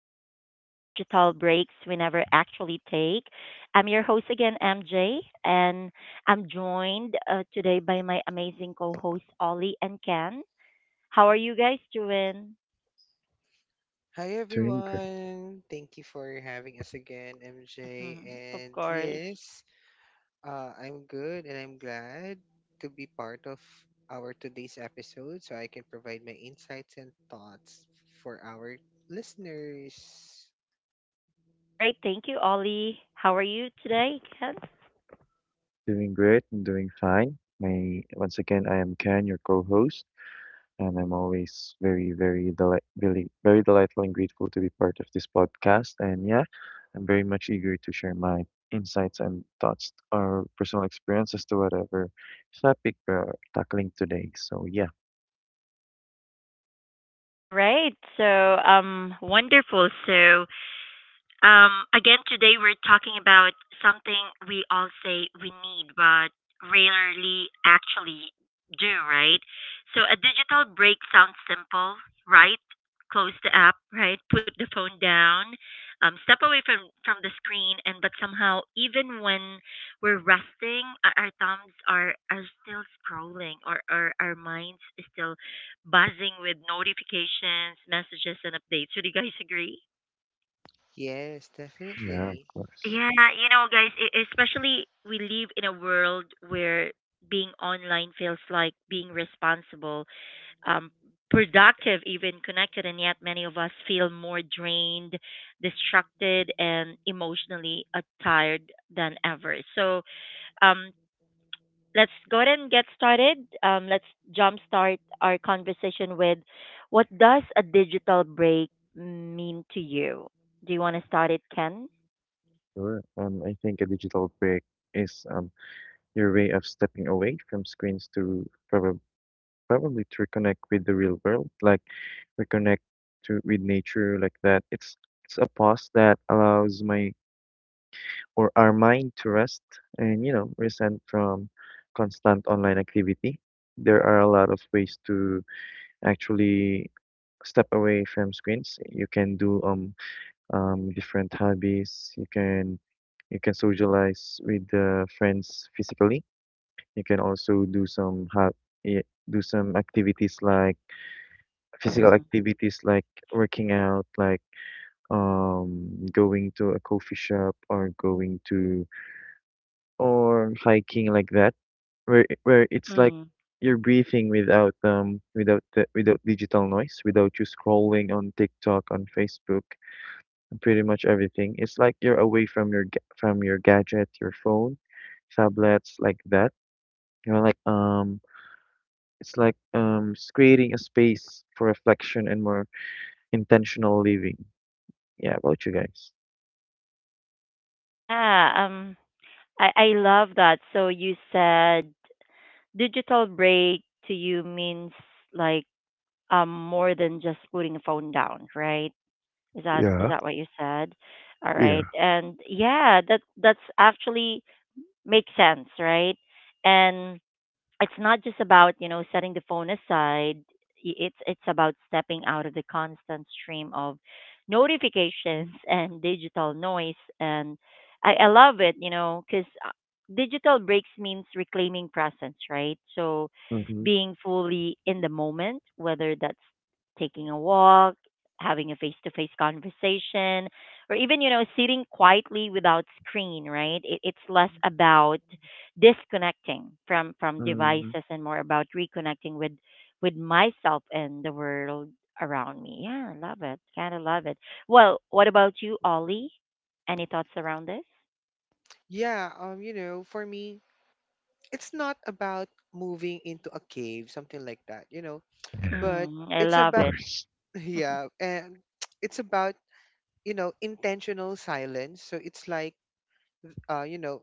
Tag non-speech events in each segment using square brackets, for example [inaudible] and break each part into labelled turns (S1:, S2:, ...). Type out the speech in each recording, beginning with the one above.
S1: to Digital Breaks We Never Actually Take. I'm your host again, MJ, and I'm joined today by my amazing co hosts, Ollie and Ken. How are you guys doing?
S2: Hi
S3: Doing great,
S2: everyone. Thank you for having us again, MJ.
S1: Mhm, of
S2: And
S1: course.
S2: yes, I'm good and I'm glad to be part of our today's episode so I can provide my insights and thoughts for our listeners.
S1: All right. Thank you, Ollie. How are you today, Ken?
S3: doing great, and doing fine. My Once again, I am Ken, your co-host, and I'm always very, very delight, really, very delightful and grateful to be part of this podcast. And yeah, I'm very much eager to share my insights and thoughts or personal experiences to whatever topic we're tackling today. So yeah,
S1: All right. Wonderful. Again, today we're talking about something we all say we need, but rarely actually do, right? So a digital break sounds simple, right? Close the app, right? Put the phone down, step away from the screen, and but somehow, even when we're resting, our thumbs are still scrolling, or our minds is still buzzing with notifications, messages, and updates. Would you guys agree?
S2: Yes,
S3: yeah, of
S2: definitely.
S3: course,
S1: Yeah, you know, guys, especially we live in a world where being online feels like being responsible, um, productive, even connected, and yet many of us feel more drained, distracted, and emotionally tired than ever. Um, let's go ahead and get started. Let's jumpstart our conversation with what does a digital break mean to you? Do you want to start it, Ken?
S3: sure. I think a digital break is your way of stepping away from screens to probably to reconnect with the real world, like reconnect to with nature like that. It's a pause that allows my or our mind to rest and resent from constant online activity. There are a lot of ways to actually step away from screens. You can do different hobbies. You can socialize with friends physically. You can also do some eh, do some activities like physical activities like working out, like going to a coffee shop or going to or hiking like that, where where it's like
S1: Mm.
S3: you're breathing without without without digital noise, without you scrolling on TikTok, on Facebook, and pretty much everything. It's like you're away from your from your gadget, your phone, tablets like that. You know, like um. It's like it's creating a space for reflection and more intentional living. Yeah, about you guys.
S1: Yeah, I love that. So you said digital break to you means like more than just putting the phone down, right? Is that is
S3: Yeah,
S1: that what you said? All right.
S3: yeah.
S1: And yeah, that's actually makes sense, right? And it's not just about you know setting the phone aside it's about stepping out of the constant stream of notifications [laughs] and digital noise and I love it you know because digital breaks means reclaiming presence, right? So
S3: Mm-hmm.
S1: being fully in the moment, whether that's taking a walk, having a face to face conversation, or even you know sitting quietly without screen, right? It's less about disconnecting from
S3: Mm,
S1: devices and more about reconnecting with myself and the world around me. Yeah, I love it. Kind of love it. Well, what about you, Ollie? Any thoughts around this?
S2: Yeah, you know, for me, it's not about moving into a cave, something like that, you know, but
S1: Mm, I
S2: it's
S3: of
S1: love
S2: about
S1: it.
S3: course.
S2: [laughs]
S1: [laughs]
S2: yeah, and [tsk] it's about, you know, intentional silence, so it's like uh you know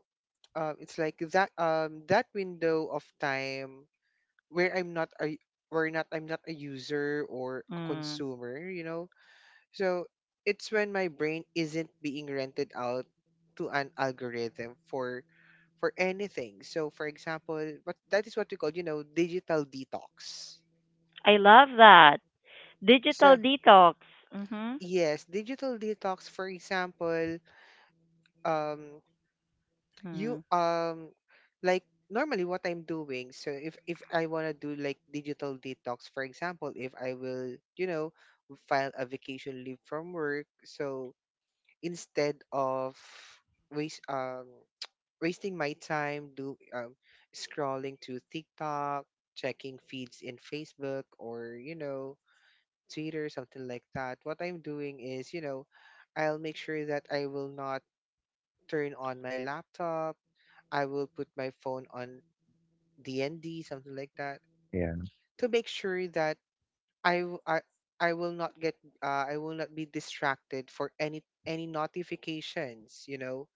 S2: it's like that that window of time where I'm not a user or a
S1: Mm,
S2: consumer, you know. So it's when my brain isn't being rented out to an algorithm for anything. So for example, what that is, what we call, you know, digital detox.
S1: I love that. Digital
S2: So
S1: detox. Mhm.
S2: yes, digital detox, for example. Um you
S1: Mm.
S2: Like normally what I'm doing, so if I want to do like digital detox, for example, if I will, you know, file a vacation leave from work. So instead of waste wasting my time do scrolling to TikTok, checking feeds in Facebook or, you know, Twitter, something like that. What I'm doing is, you know, I'll make sure that I will not turn on my laptop. I will put my phone on DND, something like that,
S3: Yeah.
S2: to make sure that I w- I, I will not get, I will not be distracted for any notifications, you know,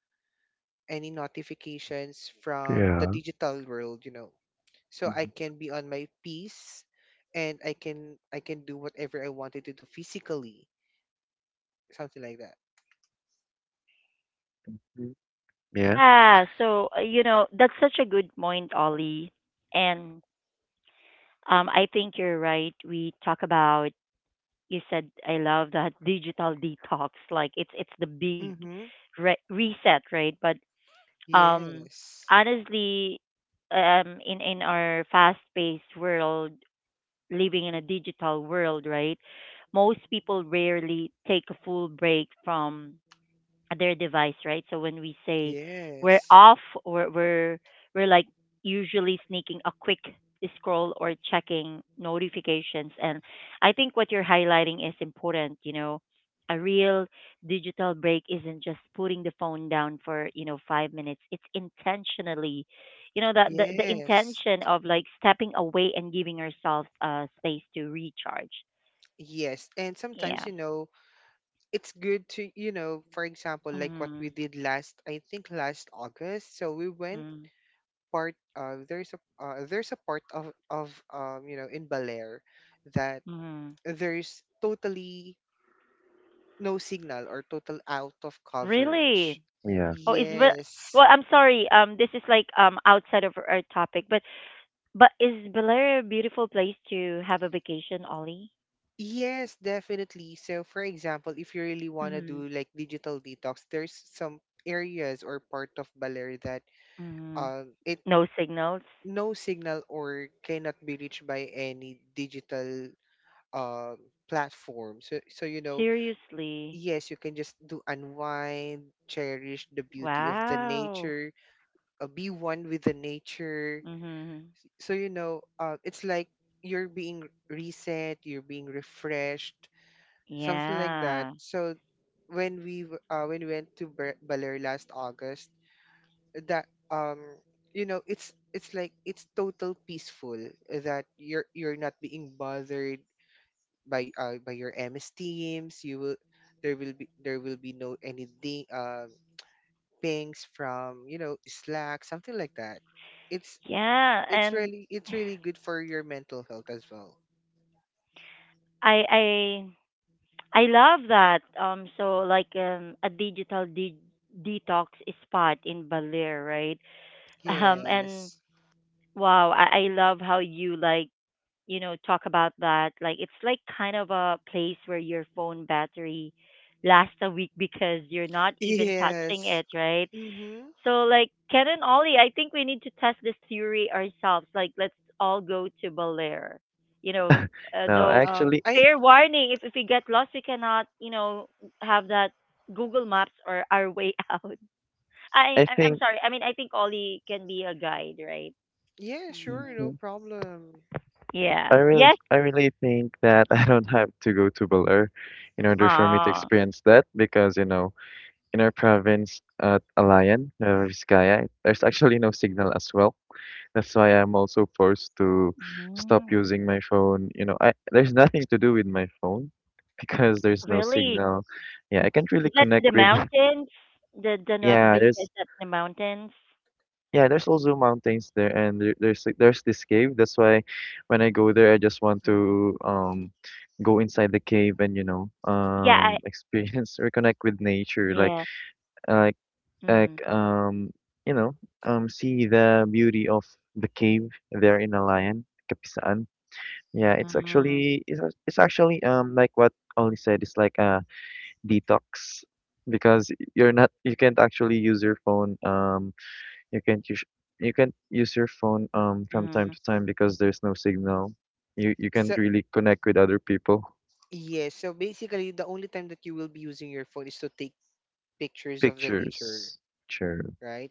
S2: any notifications from the
S3: Yeah.
S2: digital world, you know. So I
S3: Mhm.
S2: can be on my piece, and I can do whatever I wanted to do physically, something like that.
S3: Yeah.
S1: Yeah, so you know, that's such a good point, Ollie. And I think you're right. We talk about you said I love that digital detox. Like it's the big
S2: Mm-hmm.
S1: reset, right? But um,
S2: Yes.
S1: honestly, in our fast-paced world, living in a digital world, right? Most people rarely take a full break from their device, right? So when we say we're
S2: Yes.
S1: off, we're we're, we're like usually sneaking a quick scroll or checking notifications. And I think what you're highlighting is important. You know, a real digital break isn't just putting the phone down for you know 5 minutes. It's intentionally, you know, the
S2: Yes.
S1: intention of like stepping away and giving ourselves space to recharge.
S2: Yes. And sometimes,
S1: Yeah.
S2: you know, it's good to, you know, for example, like what
S1: Mm-hmm.
S2: we did last, I think last August. So we went
S1: Mm-hmm.
S2: part of there's a, there's a part of you know, in Belair, that
S1: Mm-hmm.
S2: there's totally no signal or total out of coverage.
S1: Really?
S3: Yeah.
S1: Oh,
S2: Yes.
S1: well, I'm sorry. This is like outside of our topic, but is Belair a beautiful place to have a vacation, Ollie?
S2: Yes, definitely. So for example, if you really want to
S1: Mm.
S2: do like digital detox, there's some areas or part of Baler that,
S1: Mm.
S2: it
S1: No signals.
S2: no signal or cannot be reached by any digital uh, platform. So, so you know,
S1: Seriously.
S2: yes, you can just do unwind, cherish the beauty of the
S1: Wow.
S2: nature, be one with the nature.
S1: Mhm.
S2: So you know, it's like you're being reset, you're being refreshed, something like that.
S1: Yeah.
S2: So when when we went to Baler last August, that, you know, it's, like it's total peaceful, that you're not being bothered by, by your MS teams. You will There will be no any ding, pings from, you know, Slack, something like that. it's
S1: Yeah,
S2: it's
S1: and
S2: really, it's really good for your mental health as well.
S1: I I I love that. So like a detox spot in Baler, right? [laughs] And
S2: Yes.
S1: wow, I love how you like you know, talk about that. Like it's like kind of a place where your phone battery lasts a week because you're not even touching
S2: Yes.
S1: it, right?
S2: Mhm.
S1: So like Ken and Ollie, I think we need to test this theory ourselves. Like let's all go to Belair. You know,
S3: No,
S1: though
S3: actually,
S2: I
S1: fair warning, if we get lost, we cannot, you know, have that Google Maps or our way [laughs] out. I
S3: I
S1: I'm I'm
S3: think.
S1: sorry. I mean, I think Ollie can be a guide, right?
S2: Yeah, sure,
S1: Hmm.
S2: no
S3: Mhm.
S2: problem.
S1: Yeah. Yes.
S3: I really think that [laughs] I don't have to go to Baler in order for me to
S1: Ah.
S3: experience that because you know, in our province at Alayan, Nueva Vizcaya, there's actually no signal as well. That's why I'm also forced to stop
S1: Mm.
S3: using my phone. You know, I there's nothing to do with my phone because there's no
S1: Really?
S3: signal. Yeah, I can't really
S1: Is that in
S3: connect
S1: the
S3: with. [laughs]
S1: mountains? The Nueva
S3: Yeah,
S1: Vizcaya is
S3: there's
S1: that in the mountains?
S3: Yeah, there's also mountains there, and there's there's this cave. That's why when I go there, I just want
S1: Mm.
S3: to go inside the cave and you know
S1: Yeah, I
S3: experience [laughs] reconnect with nature, like
S1: yeah.
S3: uh, like like
S1: Mm.
S3: you know see the beauty of the cave there in Alayan, Kapisaan. Yeah, it's
S1: Mm.
S3: actually it's actually like what Ollie said, it's like a detox because you can't actually use your phone you can't use you can't use your phone from time
S1: Mm.
S3: to time because there's no signal. You
S2: so.
S3: can't really connect with other people. [laughs]
S2: Yes, so basically the only time that you will be using your phone is to take pictures of the nature,
S3: Pictures. Sure.
S2: right?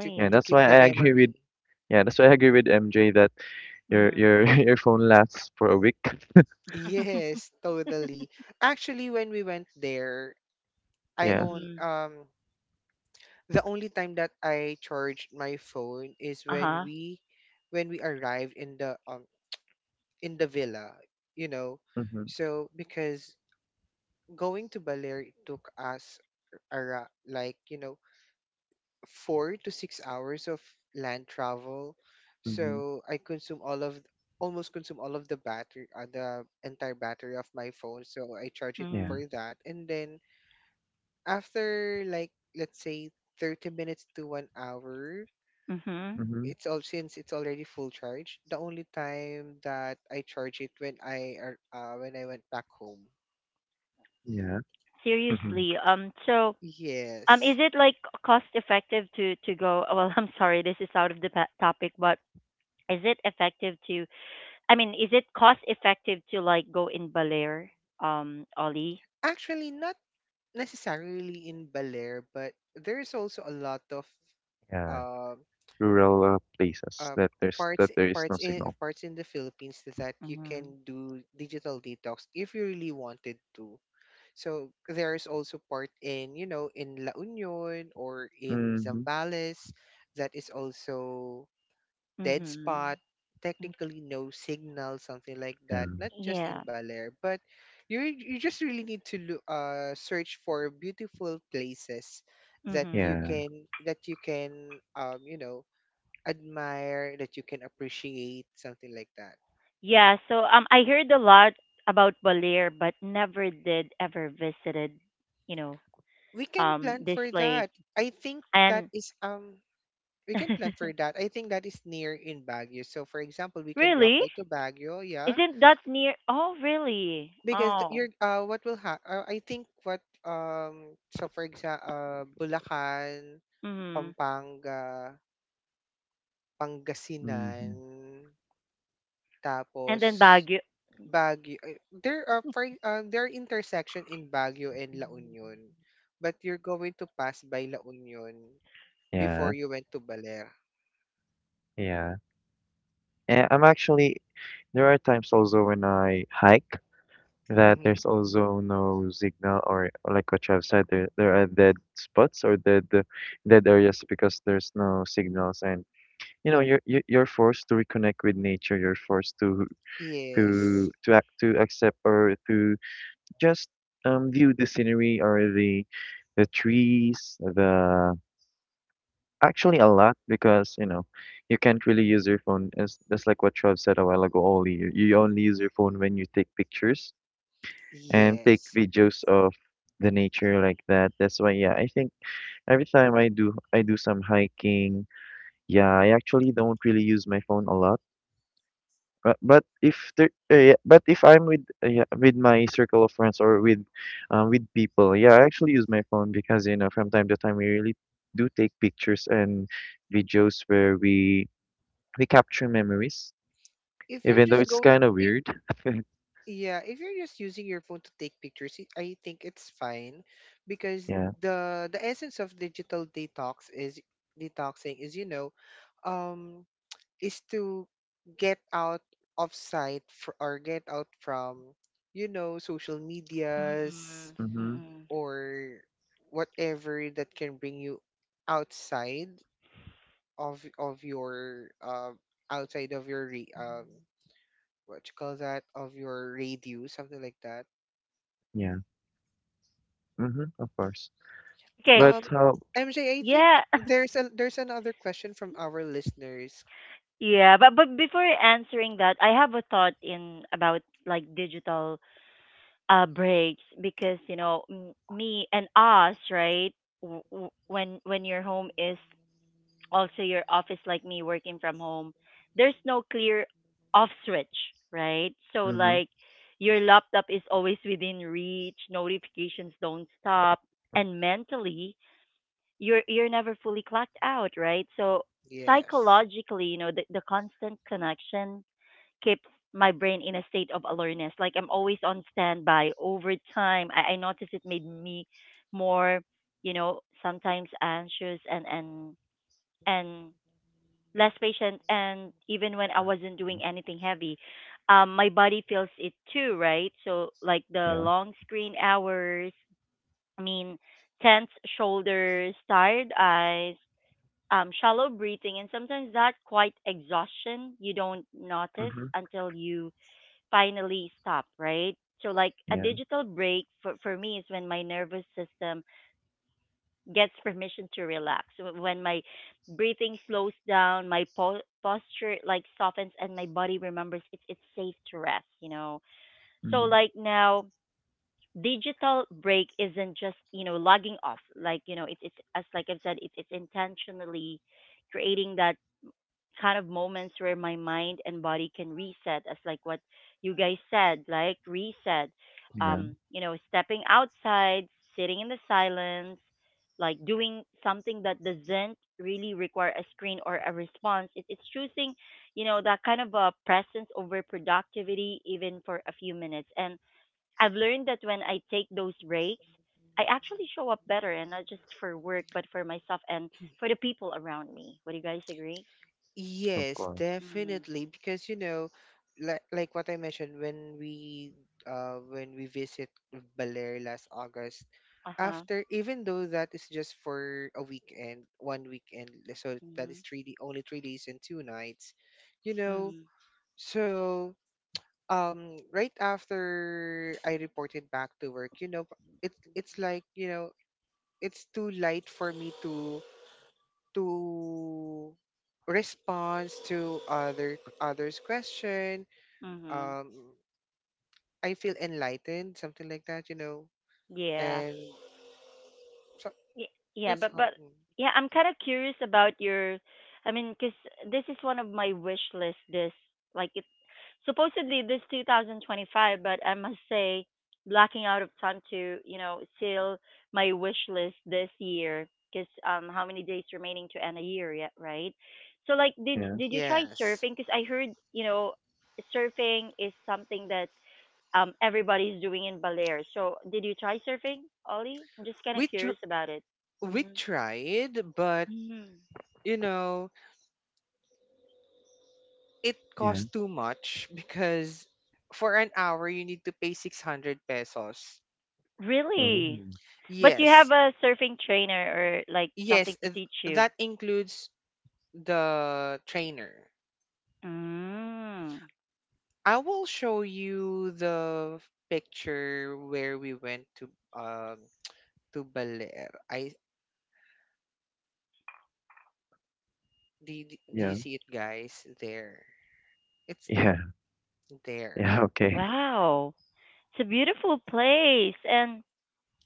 S3: Yeah,
S2: To
S3: that's
S2: keep
S3: why
S2: the
S3: I agree with
S2: memory. [laughs]
S3: yeah, that's why I agree with MJ that
S1: Mm.
S3: your [laughs] your phone lasts for a week. [laughs]
S1: [laughs]
S2: Yes, totally. Actually, when we went there, I
S3: Yeah.
S2: own
S1: Mm.
S2: the only time that I charged my phone is
S1: Uh-huh.
S2: when we arrived in the, in the villa, you know.
S3: Mhm,
S2: So because going to Baler took us ara like, you know, 4 to 6 hours of land travel.
S3: mhm.
S2: So I consume all of, almost consume all of the battery, the entire battery of my phone. So I charge it
S3: Yeah.
S1: Mm.
S2: for that, and then after, like, let's say 30 minutes to 1 hour,
S1: Mhm.
S3: Mhm.
S2: it's all since it's already full charge. The only time that I charge it, when when I went back home.
S3: Yeah. Mm-hmm.
S1: Seriously. So is
S2: Yes,
S1: it like cost effective to go well, [laughs] I'm sorry, this is out of the topic, but is it effective to I mean, is it cost effective to like go in Balear, Ollie?
S2: actually not necessarily in Bel Air, but there's also a lot of
S3: Yeah,
S2: uh.
S3: rural places
S2: uh,
S3: that there's that there is no signal.
S2: parts in the Philippines that you can do digital detox if you really wanted to. So there's also part in, you know, in La Union or in
S3: Mhm.
S2: Zambales that is also dead spot,
S1: Mhm. Okay.
S2: technically no signal, something like
S3: Yeah,
S2: that. Not just in
S1: Yeah.
S2: Baler, but you just really need to look, search for beautiful places that
S1: Mhm.
S2: you
S3: yeah,
S2: can that you can, you know, admire, that you can appreciate, something like that.
S1: Yeah, so I heard a lot about Baler but never did ever visited, you know,
S2: We can plan
S1: this
S2: for
S1: place.
S2: that. I think that
S1: And
S2: is, we can plan for
S1: [laughs]
S2: that. I think that is near in Baguio. So for example, we can drop
S1: really?
S2: by to Baguio, yeah.
S1: Isn't that near Oh, really?
S2: Because you're,
S1: Oh.
S2: what will happen? I think what so for example, Bulacan,
S1: Mhm.
S2: Pampanga, Pangasinan,
S3: mhm,
S1: And
S2: tapos
S1: then Baguio.
S2: Baguio. There are for there are intersection in Baguio and La Union, but you're going to pass by La Union
S3: yeah,
S2: before you went to Baler.
S3: yeah. And I'm actually there are times also when I hike that
S2: Mm-hmm.
S3: there's also no signal or like what you have said there are dead spots or dead dead areas because there's no signals and you know you're forced to reconnect with nature. You're forced
S2: Yes.
S3: to act to accept or to just view the scenery or the trees, the actually a lot because you know you can't really use your phone. As that's like what Trav said a while ago. Only you only use your phone when you take pictures and take
S2: Yes.
S3: videos of the nature like that. That's why yeah, I think every time I do some hiking. Yeah, I actually don't really use my phone a lot. But if I'm with with my circle of friends or with people, yeah, I actually use my phone because you know from time to time we really do take pictures and videos where we capture memories,
S2: If you're
S3: even though
S2: just
S3: it's
S2: going,
S3: kind of
S2: if
S3: weird. [laughs]
S2: yeah, if you're just using your phone to take pictures, I think it's fine, because
S3: Yeah.
S2: the essence of digital detox is detoxing is, you know, um is to get out of sight fr- or get out from, you know, social medias,
S1: Mm-mm.
S3: Mhm.
S1: Mm-mm.
S2: or whatever that can bring you outside of your, outside of your, what you call that, of your radius, something like that.
S3: Yeah. Mhm. Of course.
S1: Okay.
S3: But
S2: um
S3: how?
S2: MJ, I think
S1: Yeah. [laughs]
S2: there's a there's another question from our listeners.
S1: Yeah, but before answering that, I have a thought in about like digital breaks because you know me and us, right? When your home is also your office like me working from home, there's no clear off switch, right? So
S3: Mhm.
S1: like your laptop is always within reach, notifications don't stop, and mentally you're never fully clocked out, right? So
S2: Yes.
S1: psychologically you know the constant connection keeps my brain in a state of alertness. Like I'm always on standby. Over time, I notice it made me more, you know, sometimes anxious and and less patient. And even when I wasn't doing
S3: Mhm,
S1: anything heavy, my body feels it too, right? So like the
S3: yeah.
S1: long screen hours. I mean, tense shoulders, tired eyes. Shallow breathing and sometimes that quite exhaustion you don't notice
S3: Mhm.
S1: until you finally stop, right? So, like a
S3: Yeah.
S1: digital break for me is when my nervous system gets [laughs] permission to relax, when my breathing slows down, my posture like softens, and my body remembers it's safe to rest, you know. So,
S3: Mhm.
S1: like now, digital break isn't just you know logging off, like you know, it's as like I've said, it's intentionally creating that kind of moments where my mind and body can reset as like what you guys said like reset
S3: Yeah.
S1: you know stepping outside, sitting in the silence, like doing something that doesn't really require a screen or a response. It's choosing you know that kind of a presence over productivity, even for a few minutes. And I've learned that when I take those breaks, I actually show up better, and not just for work but for myself and for the people around me. Would you guys agree?
S3: Of
S2: Yes,
S3: course.
S1: Mm-hmm.
S2: definitely. Because you know, like what I mentioned when we visit Baler last August.
S1: Uh-huh.
S2: After, even though that is just for a weekend, one weekend, so that is
S1: Mhm.
S2: only 3 days and 2 nights, you know.
S1: Mhm.
S2: So, right after I reported back to work, you know, it it's like, you know, it's too light for me to, to response to other others question.
S1: Mhm.
S2: um I feel enlightened, something like that, you know.
S1: Yeah.
S2: And so
S1: Y- Yeah,
S2: that's how.
S1: but
S2: Mm.
S1: yeah, I'm kind of curious about your I mean, cause this is one of my wish list this like it's supposedly this 2025, but I must say blocking out of time to, you know, seal my wish list this year, cause how many days remaining to end a year yet, right? So like did
S3: Yeah.
S1: did you try
S2: Yes,
S1: surfing? Cause I heard, you know, surfing is something that everybody's doing in Balear. So did you try surfing, Ollie? I'm just kind of
S2: we
S1: curious
S2: tr-
S1: about it.
S2: we
S1: Mm-hmm.
S2: tried, but
S1: Mm.
S2: you know it
S3: Yeah.
S2: cost too much, because for an hour you need to pay 600 pesos.
S3: Oh.
S1: Really? But you have
S2: Yes.
S1: a surfing trainer or like something
S2: Yes,
S1: to teach you.
S2: that includes the trainer.
S1: Mm.
S2: I will show you picture where we went to, to Baler. Do, do you
S3: Yeah.
S2: see it, guys, there? It's
S3: Yeah. [laughs]
S2: there.
S3: Yeah. Okay.
S1: Wow. It's a beautiful place and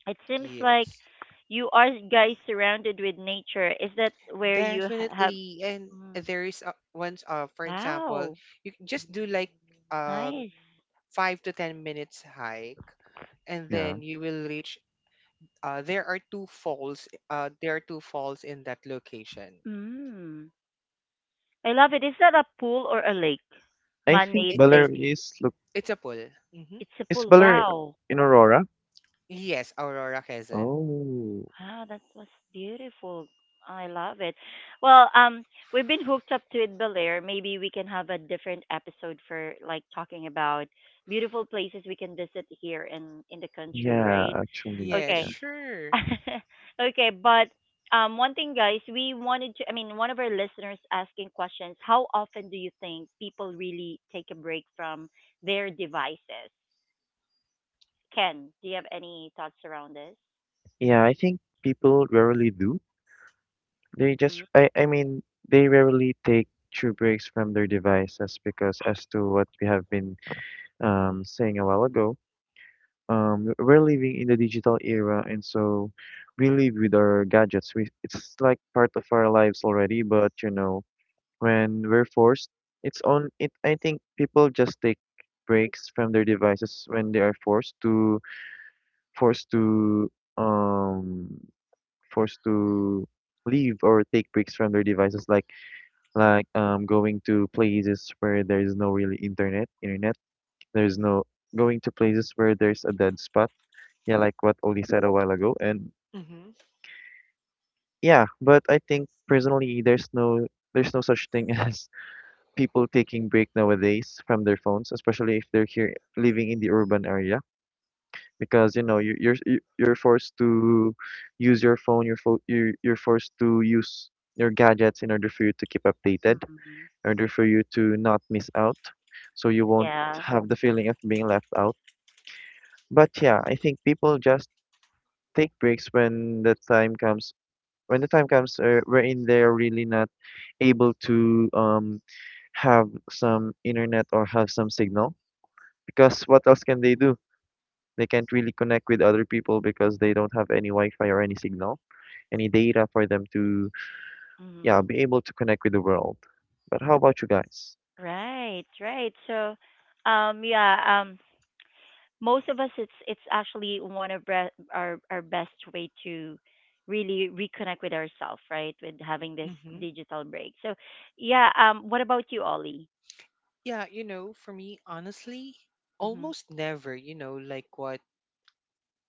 S1: it seems like
S2: Yes.
S1: you are guys surrounded with nature. Is that where you have
S2: Definitely. And
S1: Mm.
S2: there is a, once, for example,
S1: Wow.
S2: you can just do like, um
S1: Nice.
S2: 5 to 10 minutes hike, and
S3: Yeah.
S2: then you will reach, there are two falls, there are two falls in that location.
S1: Mm. I love it. Is that a pool or a lake?
S3: I think
S2: It,
S1: Man-made
S2: it's
S1: lake.
S3: Valerie is look,
S2: it's a pool. Hmm.
S1: It's a
S3: is
S1: pool.
S3: Valerie
S1: Wow.
S3: in Aurora?
S2: Yes, Aurora Quezon.
S3: Oh,
S1: Wow, that was beautiful. I love it. Well, we've been hooked up to it, Belair. Maybe we can have a different episode for like talking about beautiful places we can visit here in the country,
S3: yeah,
S1: right?
S3: actually,
S2: Yeah,
S1: Okay.
S3: yeah.
S2: sure.
S1: [laughs] Okay, but one thing guys, we wanted to I mean one of our listeners asking questions, how often do you think people really take a break from their devices? Ken, do you have any thoughts around this?
S3: Yeah, I think people rarely do. They
S1: Mm-hmm.
S3: just, I mean, they rarely take true breaks from their devices because, as to what we have been saying a while ago, we're living in the digital era, and so we live with our gadgets. It's like part of our lives already, but you know, when we're forced, it's on it. I think people just take breaks from their devices when they are forced to forced to um forced to leave or take breaks from their devices like going to places where there is no really internet there's no going to places where there's a dead spot, yeah, like what Oli said a while ago. And
S2: Mm-hmm.
S3: yeah, but I think personally there's no such thing [laughs] as people taking break nowadays from their phones, especially if they're here living in the urban area, because you know you're you're forced to use your phone. You're fo- You're forced to use your gadgets in order for you to keep updated,
S1: Mm-hmm.
S3: in order for you to not miss out, so you won't
S1: Yeah.
S3: have the feeling of being left out. But yeah, I think people just take breaks when the time comes. When the time comes, wherein they're really not able to have some internet or have some signal because what else can they do? They can't really connect with other people because they don't have any Wi-Fi or any signal, any data for them to, yeah,
S1: Mm-hmm.
S3: be able to connect with the world. But how about you guys?
S1: Right, right. So, um, yeah, um, most of us, it's actually one of our best way to really reconnect with ourselves, right? With having this
S2: Mm-hmm.
S1: digital break. So, yeah. What about you, Ollie?
S2: Yeah, you know, for me, honestly,
S1: Mm-hmm.
S2: almost never, you know, like what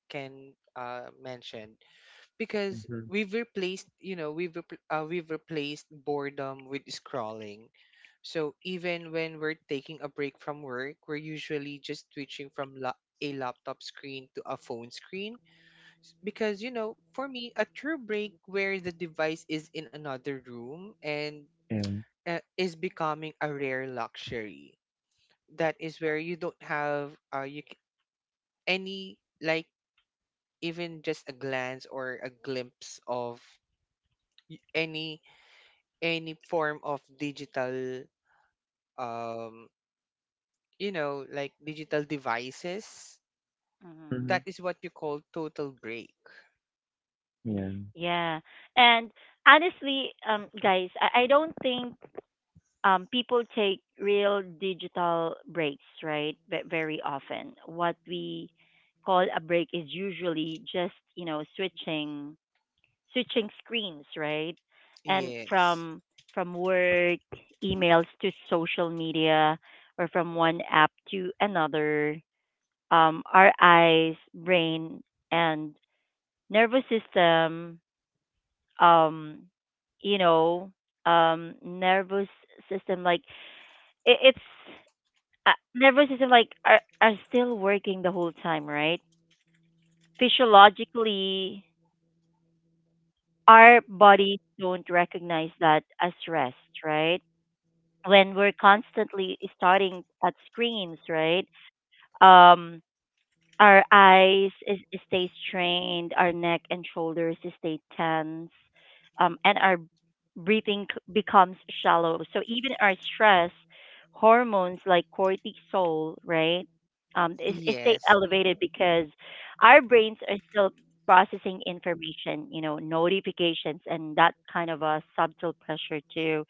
S2: Ken, mentioned. Because
S3: Mm-hmm.
S2: we've replaced, you know, we've repl- we've replaced boredom with scrolling. So even when we're taking a break from work, we're usually just switching from a laptop screen to a phone screen. Because, you know, for me, a true break where the device is in another room, and
S3: Yeah.
S2: is becoming a rare luxury. That is where you don't have, any like, even just a glance or a glimpse of y- any any form of digital, um you know, like digital devices.
S1: Mm-hmm.
S3: Mm-hmm.
S2: That is what you call total break.
S3: Yeah.
S1: Yeah. And honestly, guys, I don't think people take real digital breaks, right? But very often, what we call a break is usually just you know switching screens, right? And
S2: Yes.
S1: from work emails to social media, or from one app to another, our eyes, brain, and nervous system, um, you know, nervous system like it, it's nervous system like are still working the whole time, right? Physiologically, our bodies don't recognize that as rest, right? When we're constantly starting at screens, right? Um, Our eyes is, stay strained, our neck and shoulders stay tense, and our breathing becomes shallow. So even our stress hormones like cortisol, right, is stay
S2: Yes.
S1: elevated
S2: Hmm.
S1: because our brains are still processing information, you know, notifications, and that kind of a subtle pressure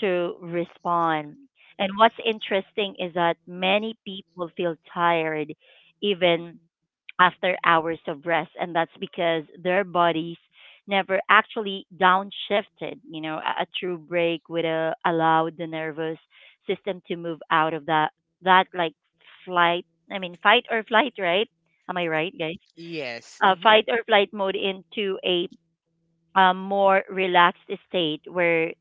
S1: to respond. And what's interesting is that many people feel tired even after hours of rest, and that's because their bodies never actually downshifted. You know, a true break would allow the nervous system to move out of that that like flight. I mean, fight or flight, right? Am I right, guys?
S2: Yes. Hmm.
S1: Fight or flight mode into a more relaxed state where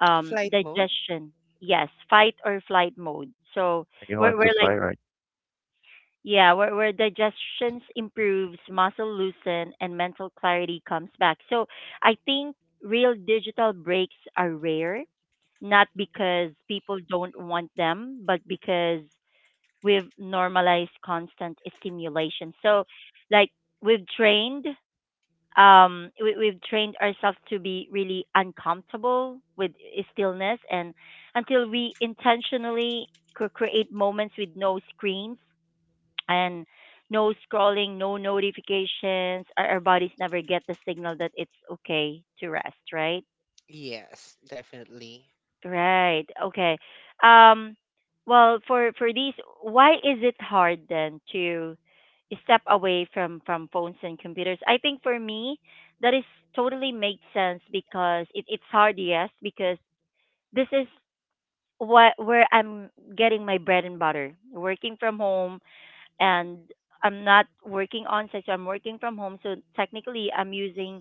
S2: Flight mode.
S1: digestion, yes, fight or flight mode. So
S3: You
S1: we're
S3: want to
S1: we're like
S3: fly, right?
S1: yeah, where digestion improves, muscle loosen, and mental clarity comes back. So I think real digital breaks are rare, not because people don't want them, but because we've normalized constant stimulation. Like we've trained we've trained ourselves to be really uncomfortable with stillness, and until we intentionally create moments with no screens and no scrolling, no notifications. Our bodies never get the signal that it's okay to rest, right?
S2: Yes, definitely.
S1: Right. Okay. Um for these, why is it hard then to step away from phones and computers? I think for me, that is totally makes sense because it's hard, yes, because this is what where I'm getting my bread and butter. Working from home, and I'm not working on site, so I'm working from home. So technically, I'm using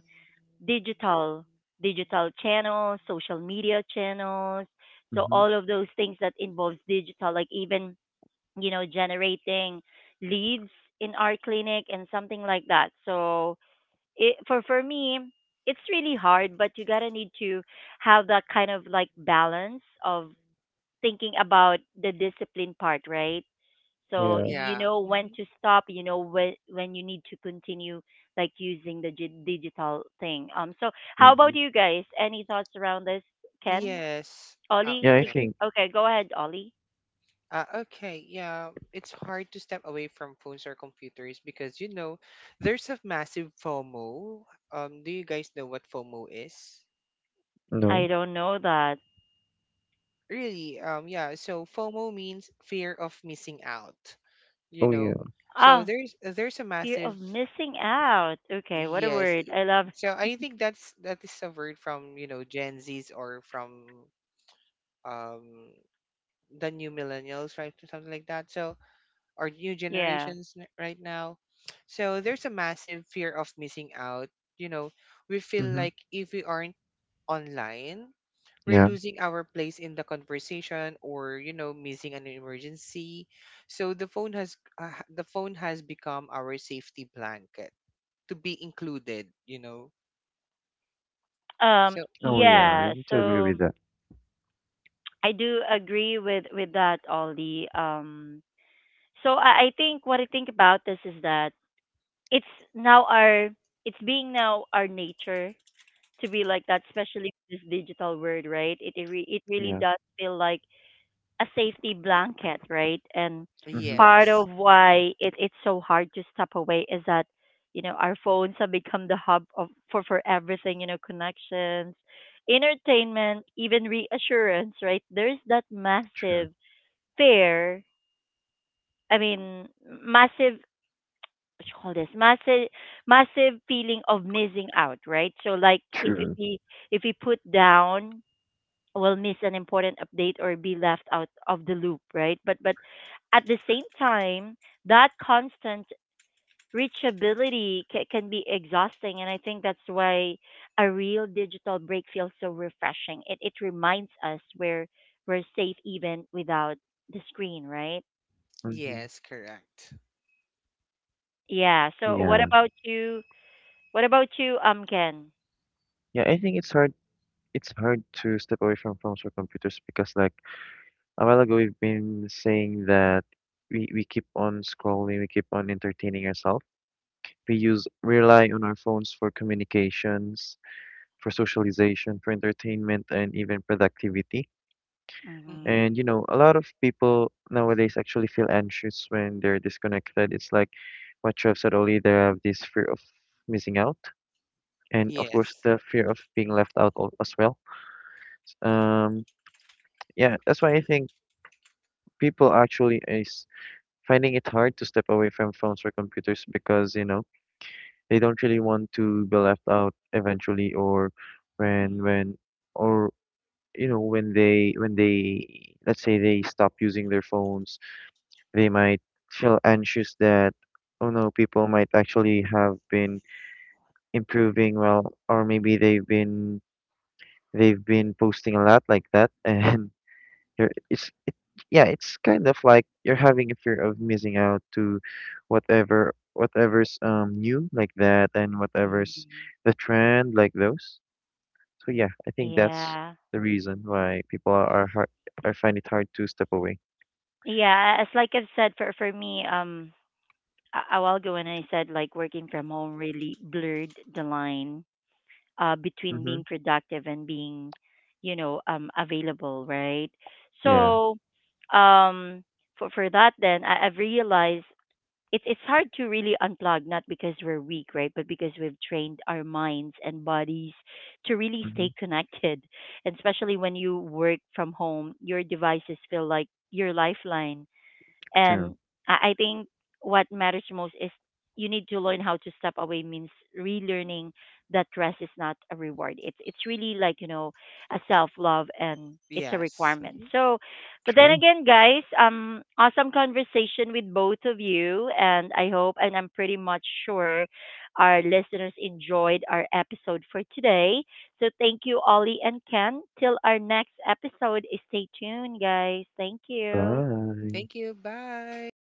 S1: digital digital channels, social media channels, so
S3: Mm-hmm.
S1: all of those things that involves digital, like even you know generating leads in our clinic and something like that. So for me, it's really hard, but you gotta need to have that kind of like balance of thinking about the discipline part, right? So
S3: Yeah.
S1: you
S2: Yeah.
S1: know when
S2: Hmm.
S1: to stop, you know when you need to continue like using the digital thing. So how
S3: Mm-hmm.
S1: about you guys? Any thoughts around this, Ken?
S2: Yes. Oh,
S1: Ollie?
S3: Yeah, I
S2: okay.
S3: think.
S1: Okay, go ahead, Ollie.
S2: Okay, yeah, it's hard to step away from phones or computers because you know there's a massive FOMO. Do you guys know what FOMO is?
S1: I
S3: No.
S1: don't know that.
S2: Really? Yeah. So FOMO means fear of missing out. You
S3: Oh, yeah.
S2: know, so
S1: Ah,
S2: there's a
S1: fear of
S2: massive,
S1: missing out. Okay, what a
S2: yes.
S1: word. I love
S2: So I think that's that is a word from, you know, Gen Zs, or from, um the new millennials, right? Something like that. So, or new
S1: yeah.
S2: generations, right now. So there's a massive fear of missing out. You know, we feel
S3: Mm-hmm.
S2: like if we aren't online, we're
S3: Yeah.
S2: losing our place in the conversation, or, you know, missing an emergency. So the phone has, the phone has become our safety blanket to be included, you know.
S1: Um
S2: So
S3: Oh, yeah. I
S1: yeah,
S3: need to agree
S1: so
S3: with that.
S1: I do agree with that, Ollie. So I think what I think about this is that it's now our it's being now our nature to be like that, especially with this digital world, right? It really
S3: Yeah.
S1: does feel like a safety blanket, right? And
S3: Mm-hmm.
S1: part
S2: yes.
S1: of
S2: Hmm.
S1: why it's so hard to step away is that you know our phones have become the hub of for everything, you know, connections, entertainment, even reassurance, right? There's that
S3: Sure.
S1: massive fear. I mean, massive, what you call this, massive feeling of missing out, right? So like
S3: True.
S1: if we put down, we'll miss an important update or be left out of the loop, right? But but at the same time, that constant can be exhausting, and I think that's why a real digital break feels so refreshing. It reminds us we're safe even without the screen, right?
S3: Mm-hmm.
S2: Yes, correct.
S1: Yeah, so what
S3: Yeah.
S1: about you, what about you Ken?
S3: Yeah, I think it's hard. It's hard to step away from phones or computers because, like, a while ago we've been saying that we keep on scrolling, we keep on entertaining ourselves. We rely on our phones for communications, for socialization, for entertainment and even productivity.
S1: Mhm.
S2: Hmm.
S3: And you know, a lot of people nowadays actually feel anxious when they're disconnected. It's like what you have said earlier, they have this fear of missing out and of course
S2: Yes.
S3: the fear of being left out al- as well. Um yeah, that's why I think people actually is finding it hard to step away from phones or computers because, you know, they don't really want to be left out eventually or
S1: Mhm.
S3: when or you know, when they let's say they stop using their phones, they might feel anxious that oh no, people might actually have been improving well or maybe they've been posting a lot like that [laughs] and You're, it's it, yeah, it's kind of like you're having a fear of missing out to whatever's new like that and whatever's
S1: Mhm.
S3: the trend like those. So yeah, I think that's
S1: Yeah.
S3: the reason why people are, hard, are find it hard to step away.
S1: Yeah, as like I've said, for me, a while ago when I said like working from home really blurred the line between
S3: Mm-hmm.
S1: being productive and being you know available, right?
S3: Yeah.
S1: So um for that, then I've realized it's hard to really unplug, not because we're weak, right, but because we've trained our minds and bodies to really
S3: Mm-hmm.
S1: stay [laughs] connected. And especially when you work from home, your devices feel like your lifeline.
S3: True.
S1: And I think what matters most is you need to learn how to step away means relearning that rest is not a reward. It's really, like, you know, a self love, and it's a
S2: Yes.
S1: requirement.
S2: Hmm.
S1: So but then
S3: True.
S1: again, guys, awesome conversation with both of you, and I hope, and I'm pretty much sure our listeners enjoyed our episode for today. So thank you, Ollie and Ken. Till our next episode, stay tuned, guys. Thank you.
S3: Bye.
S2: Thank you. Bye.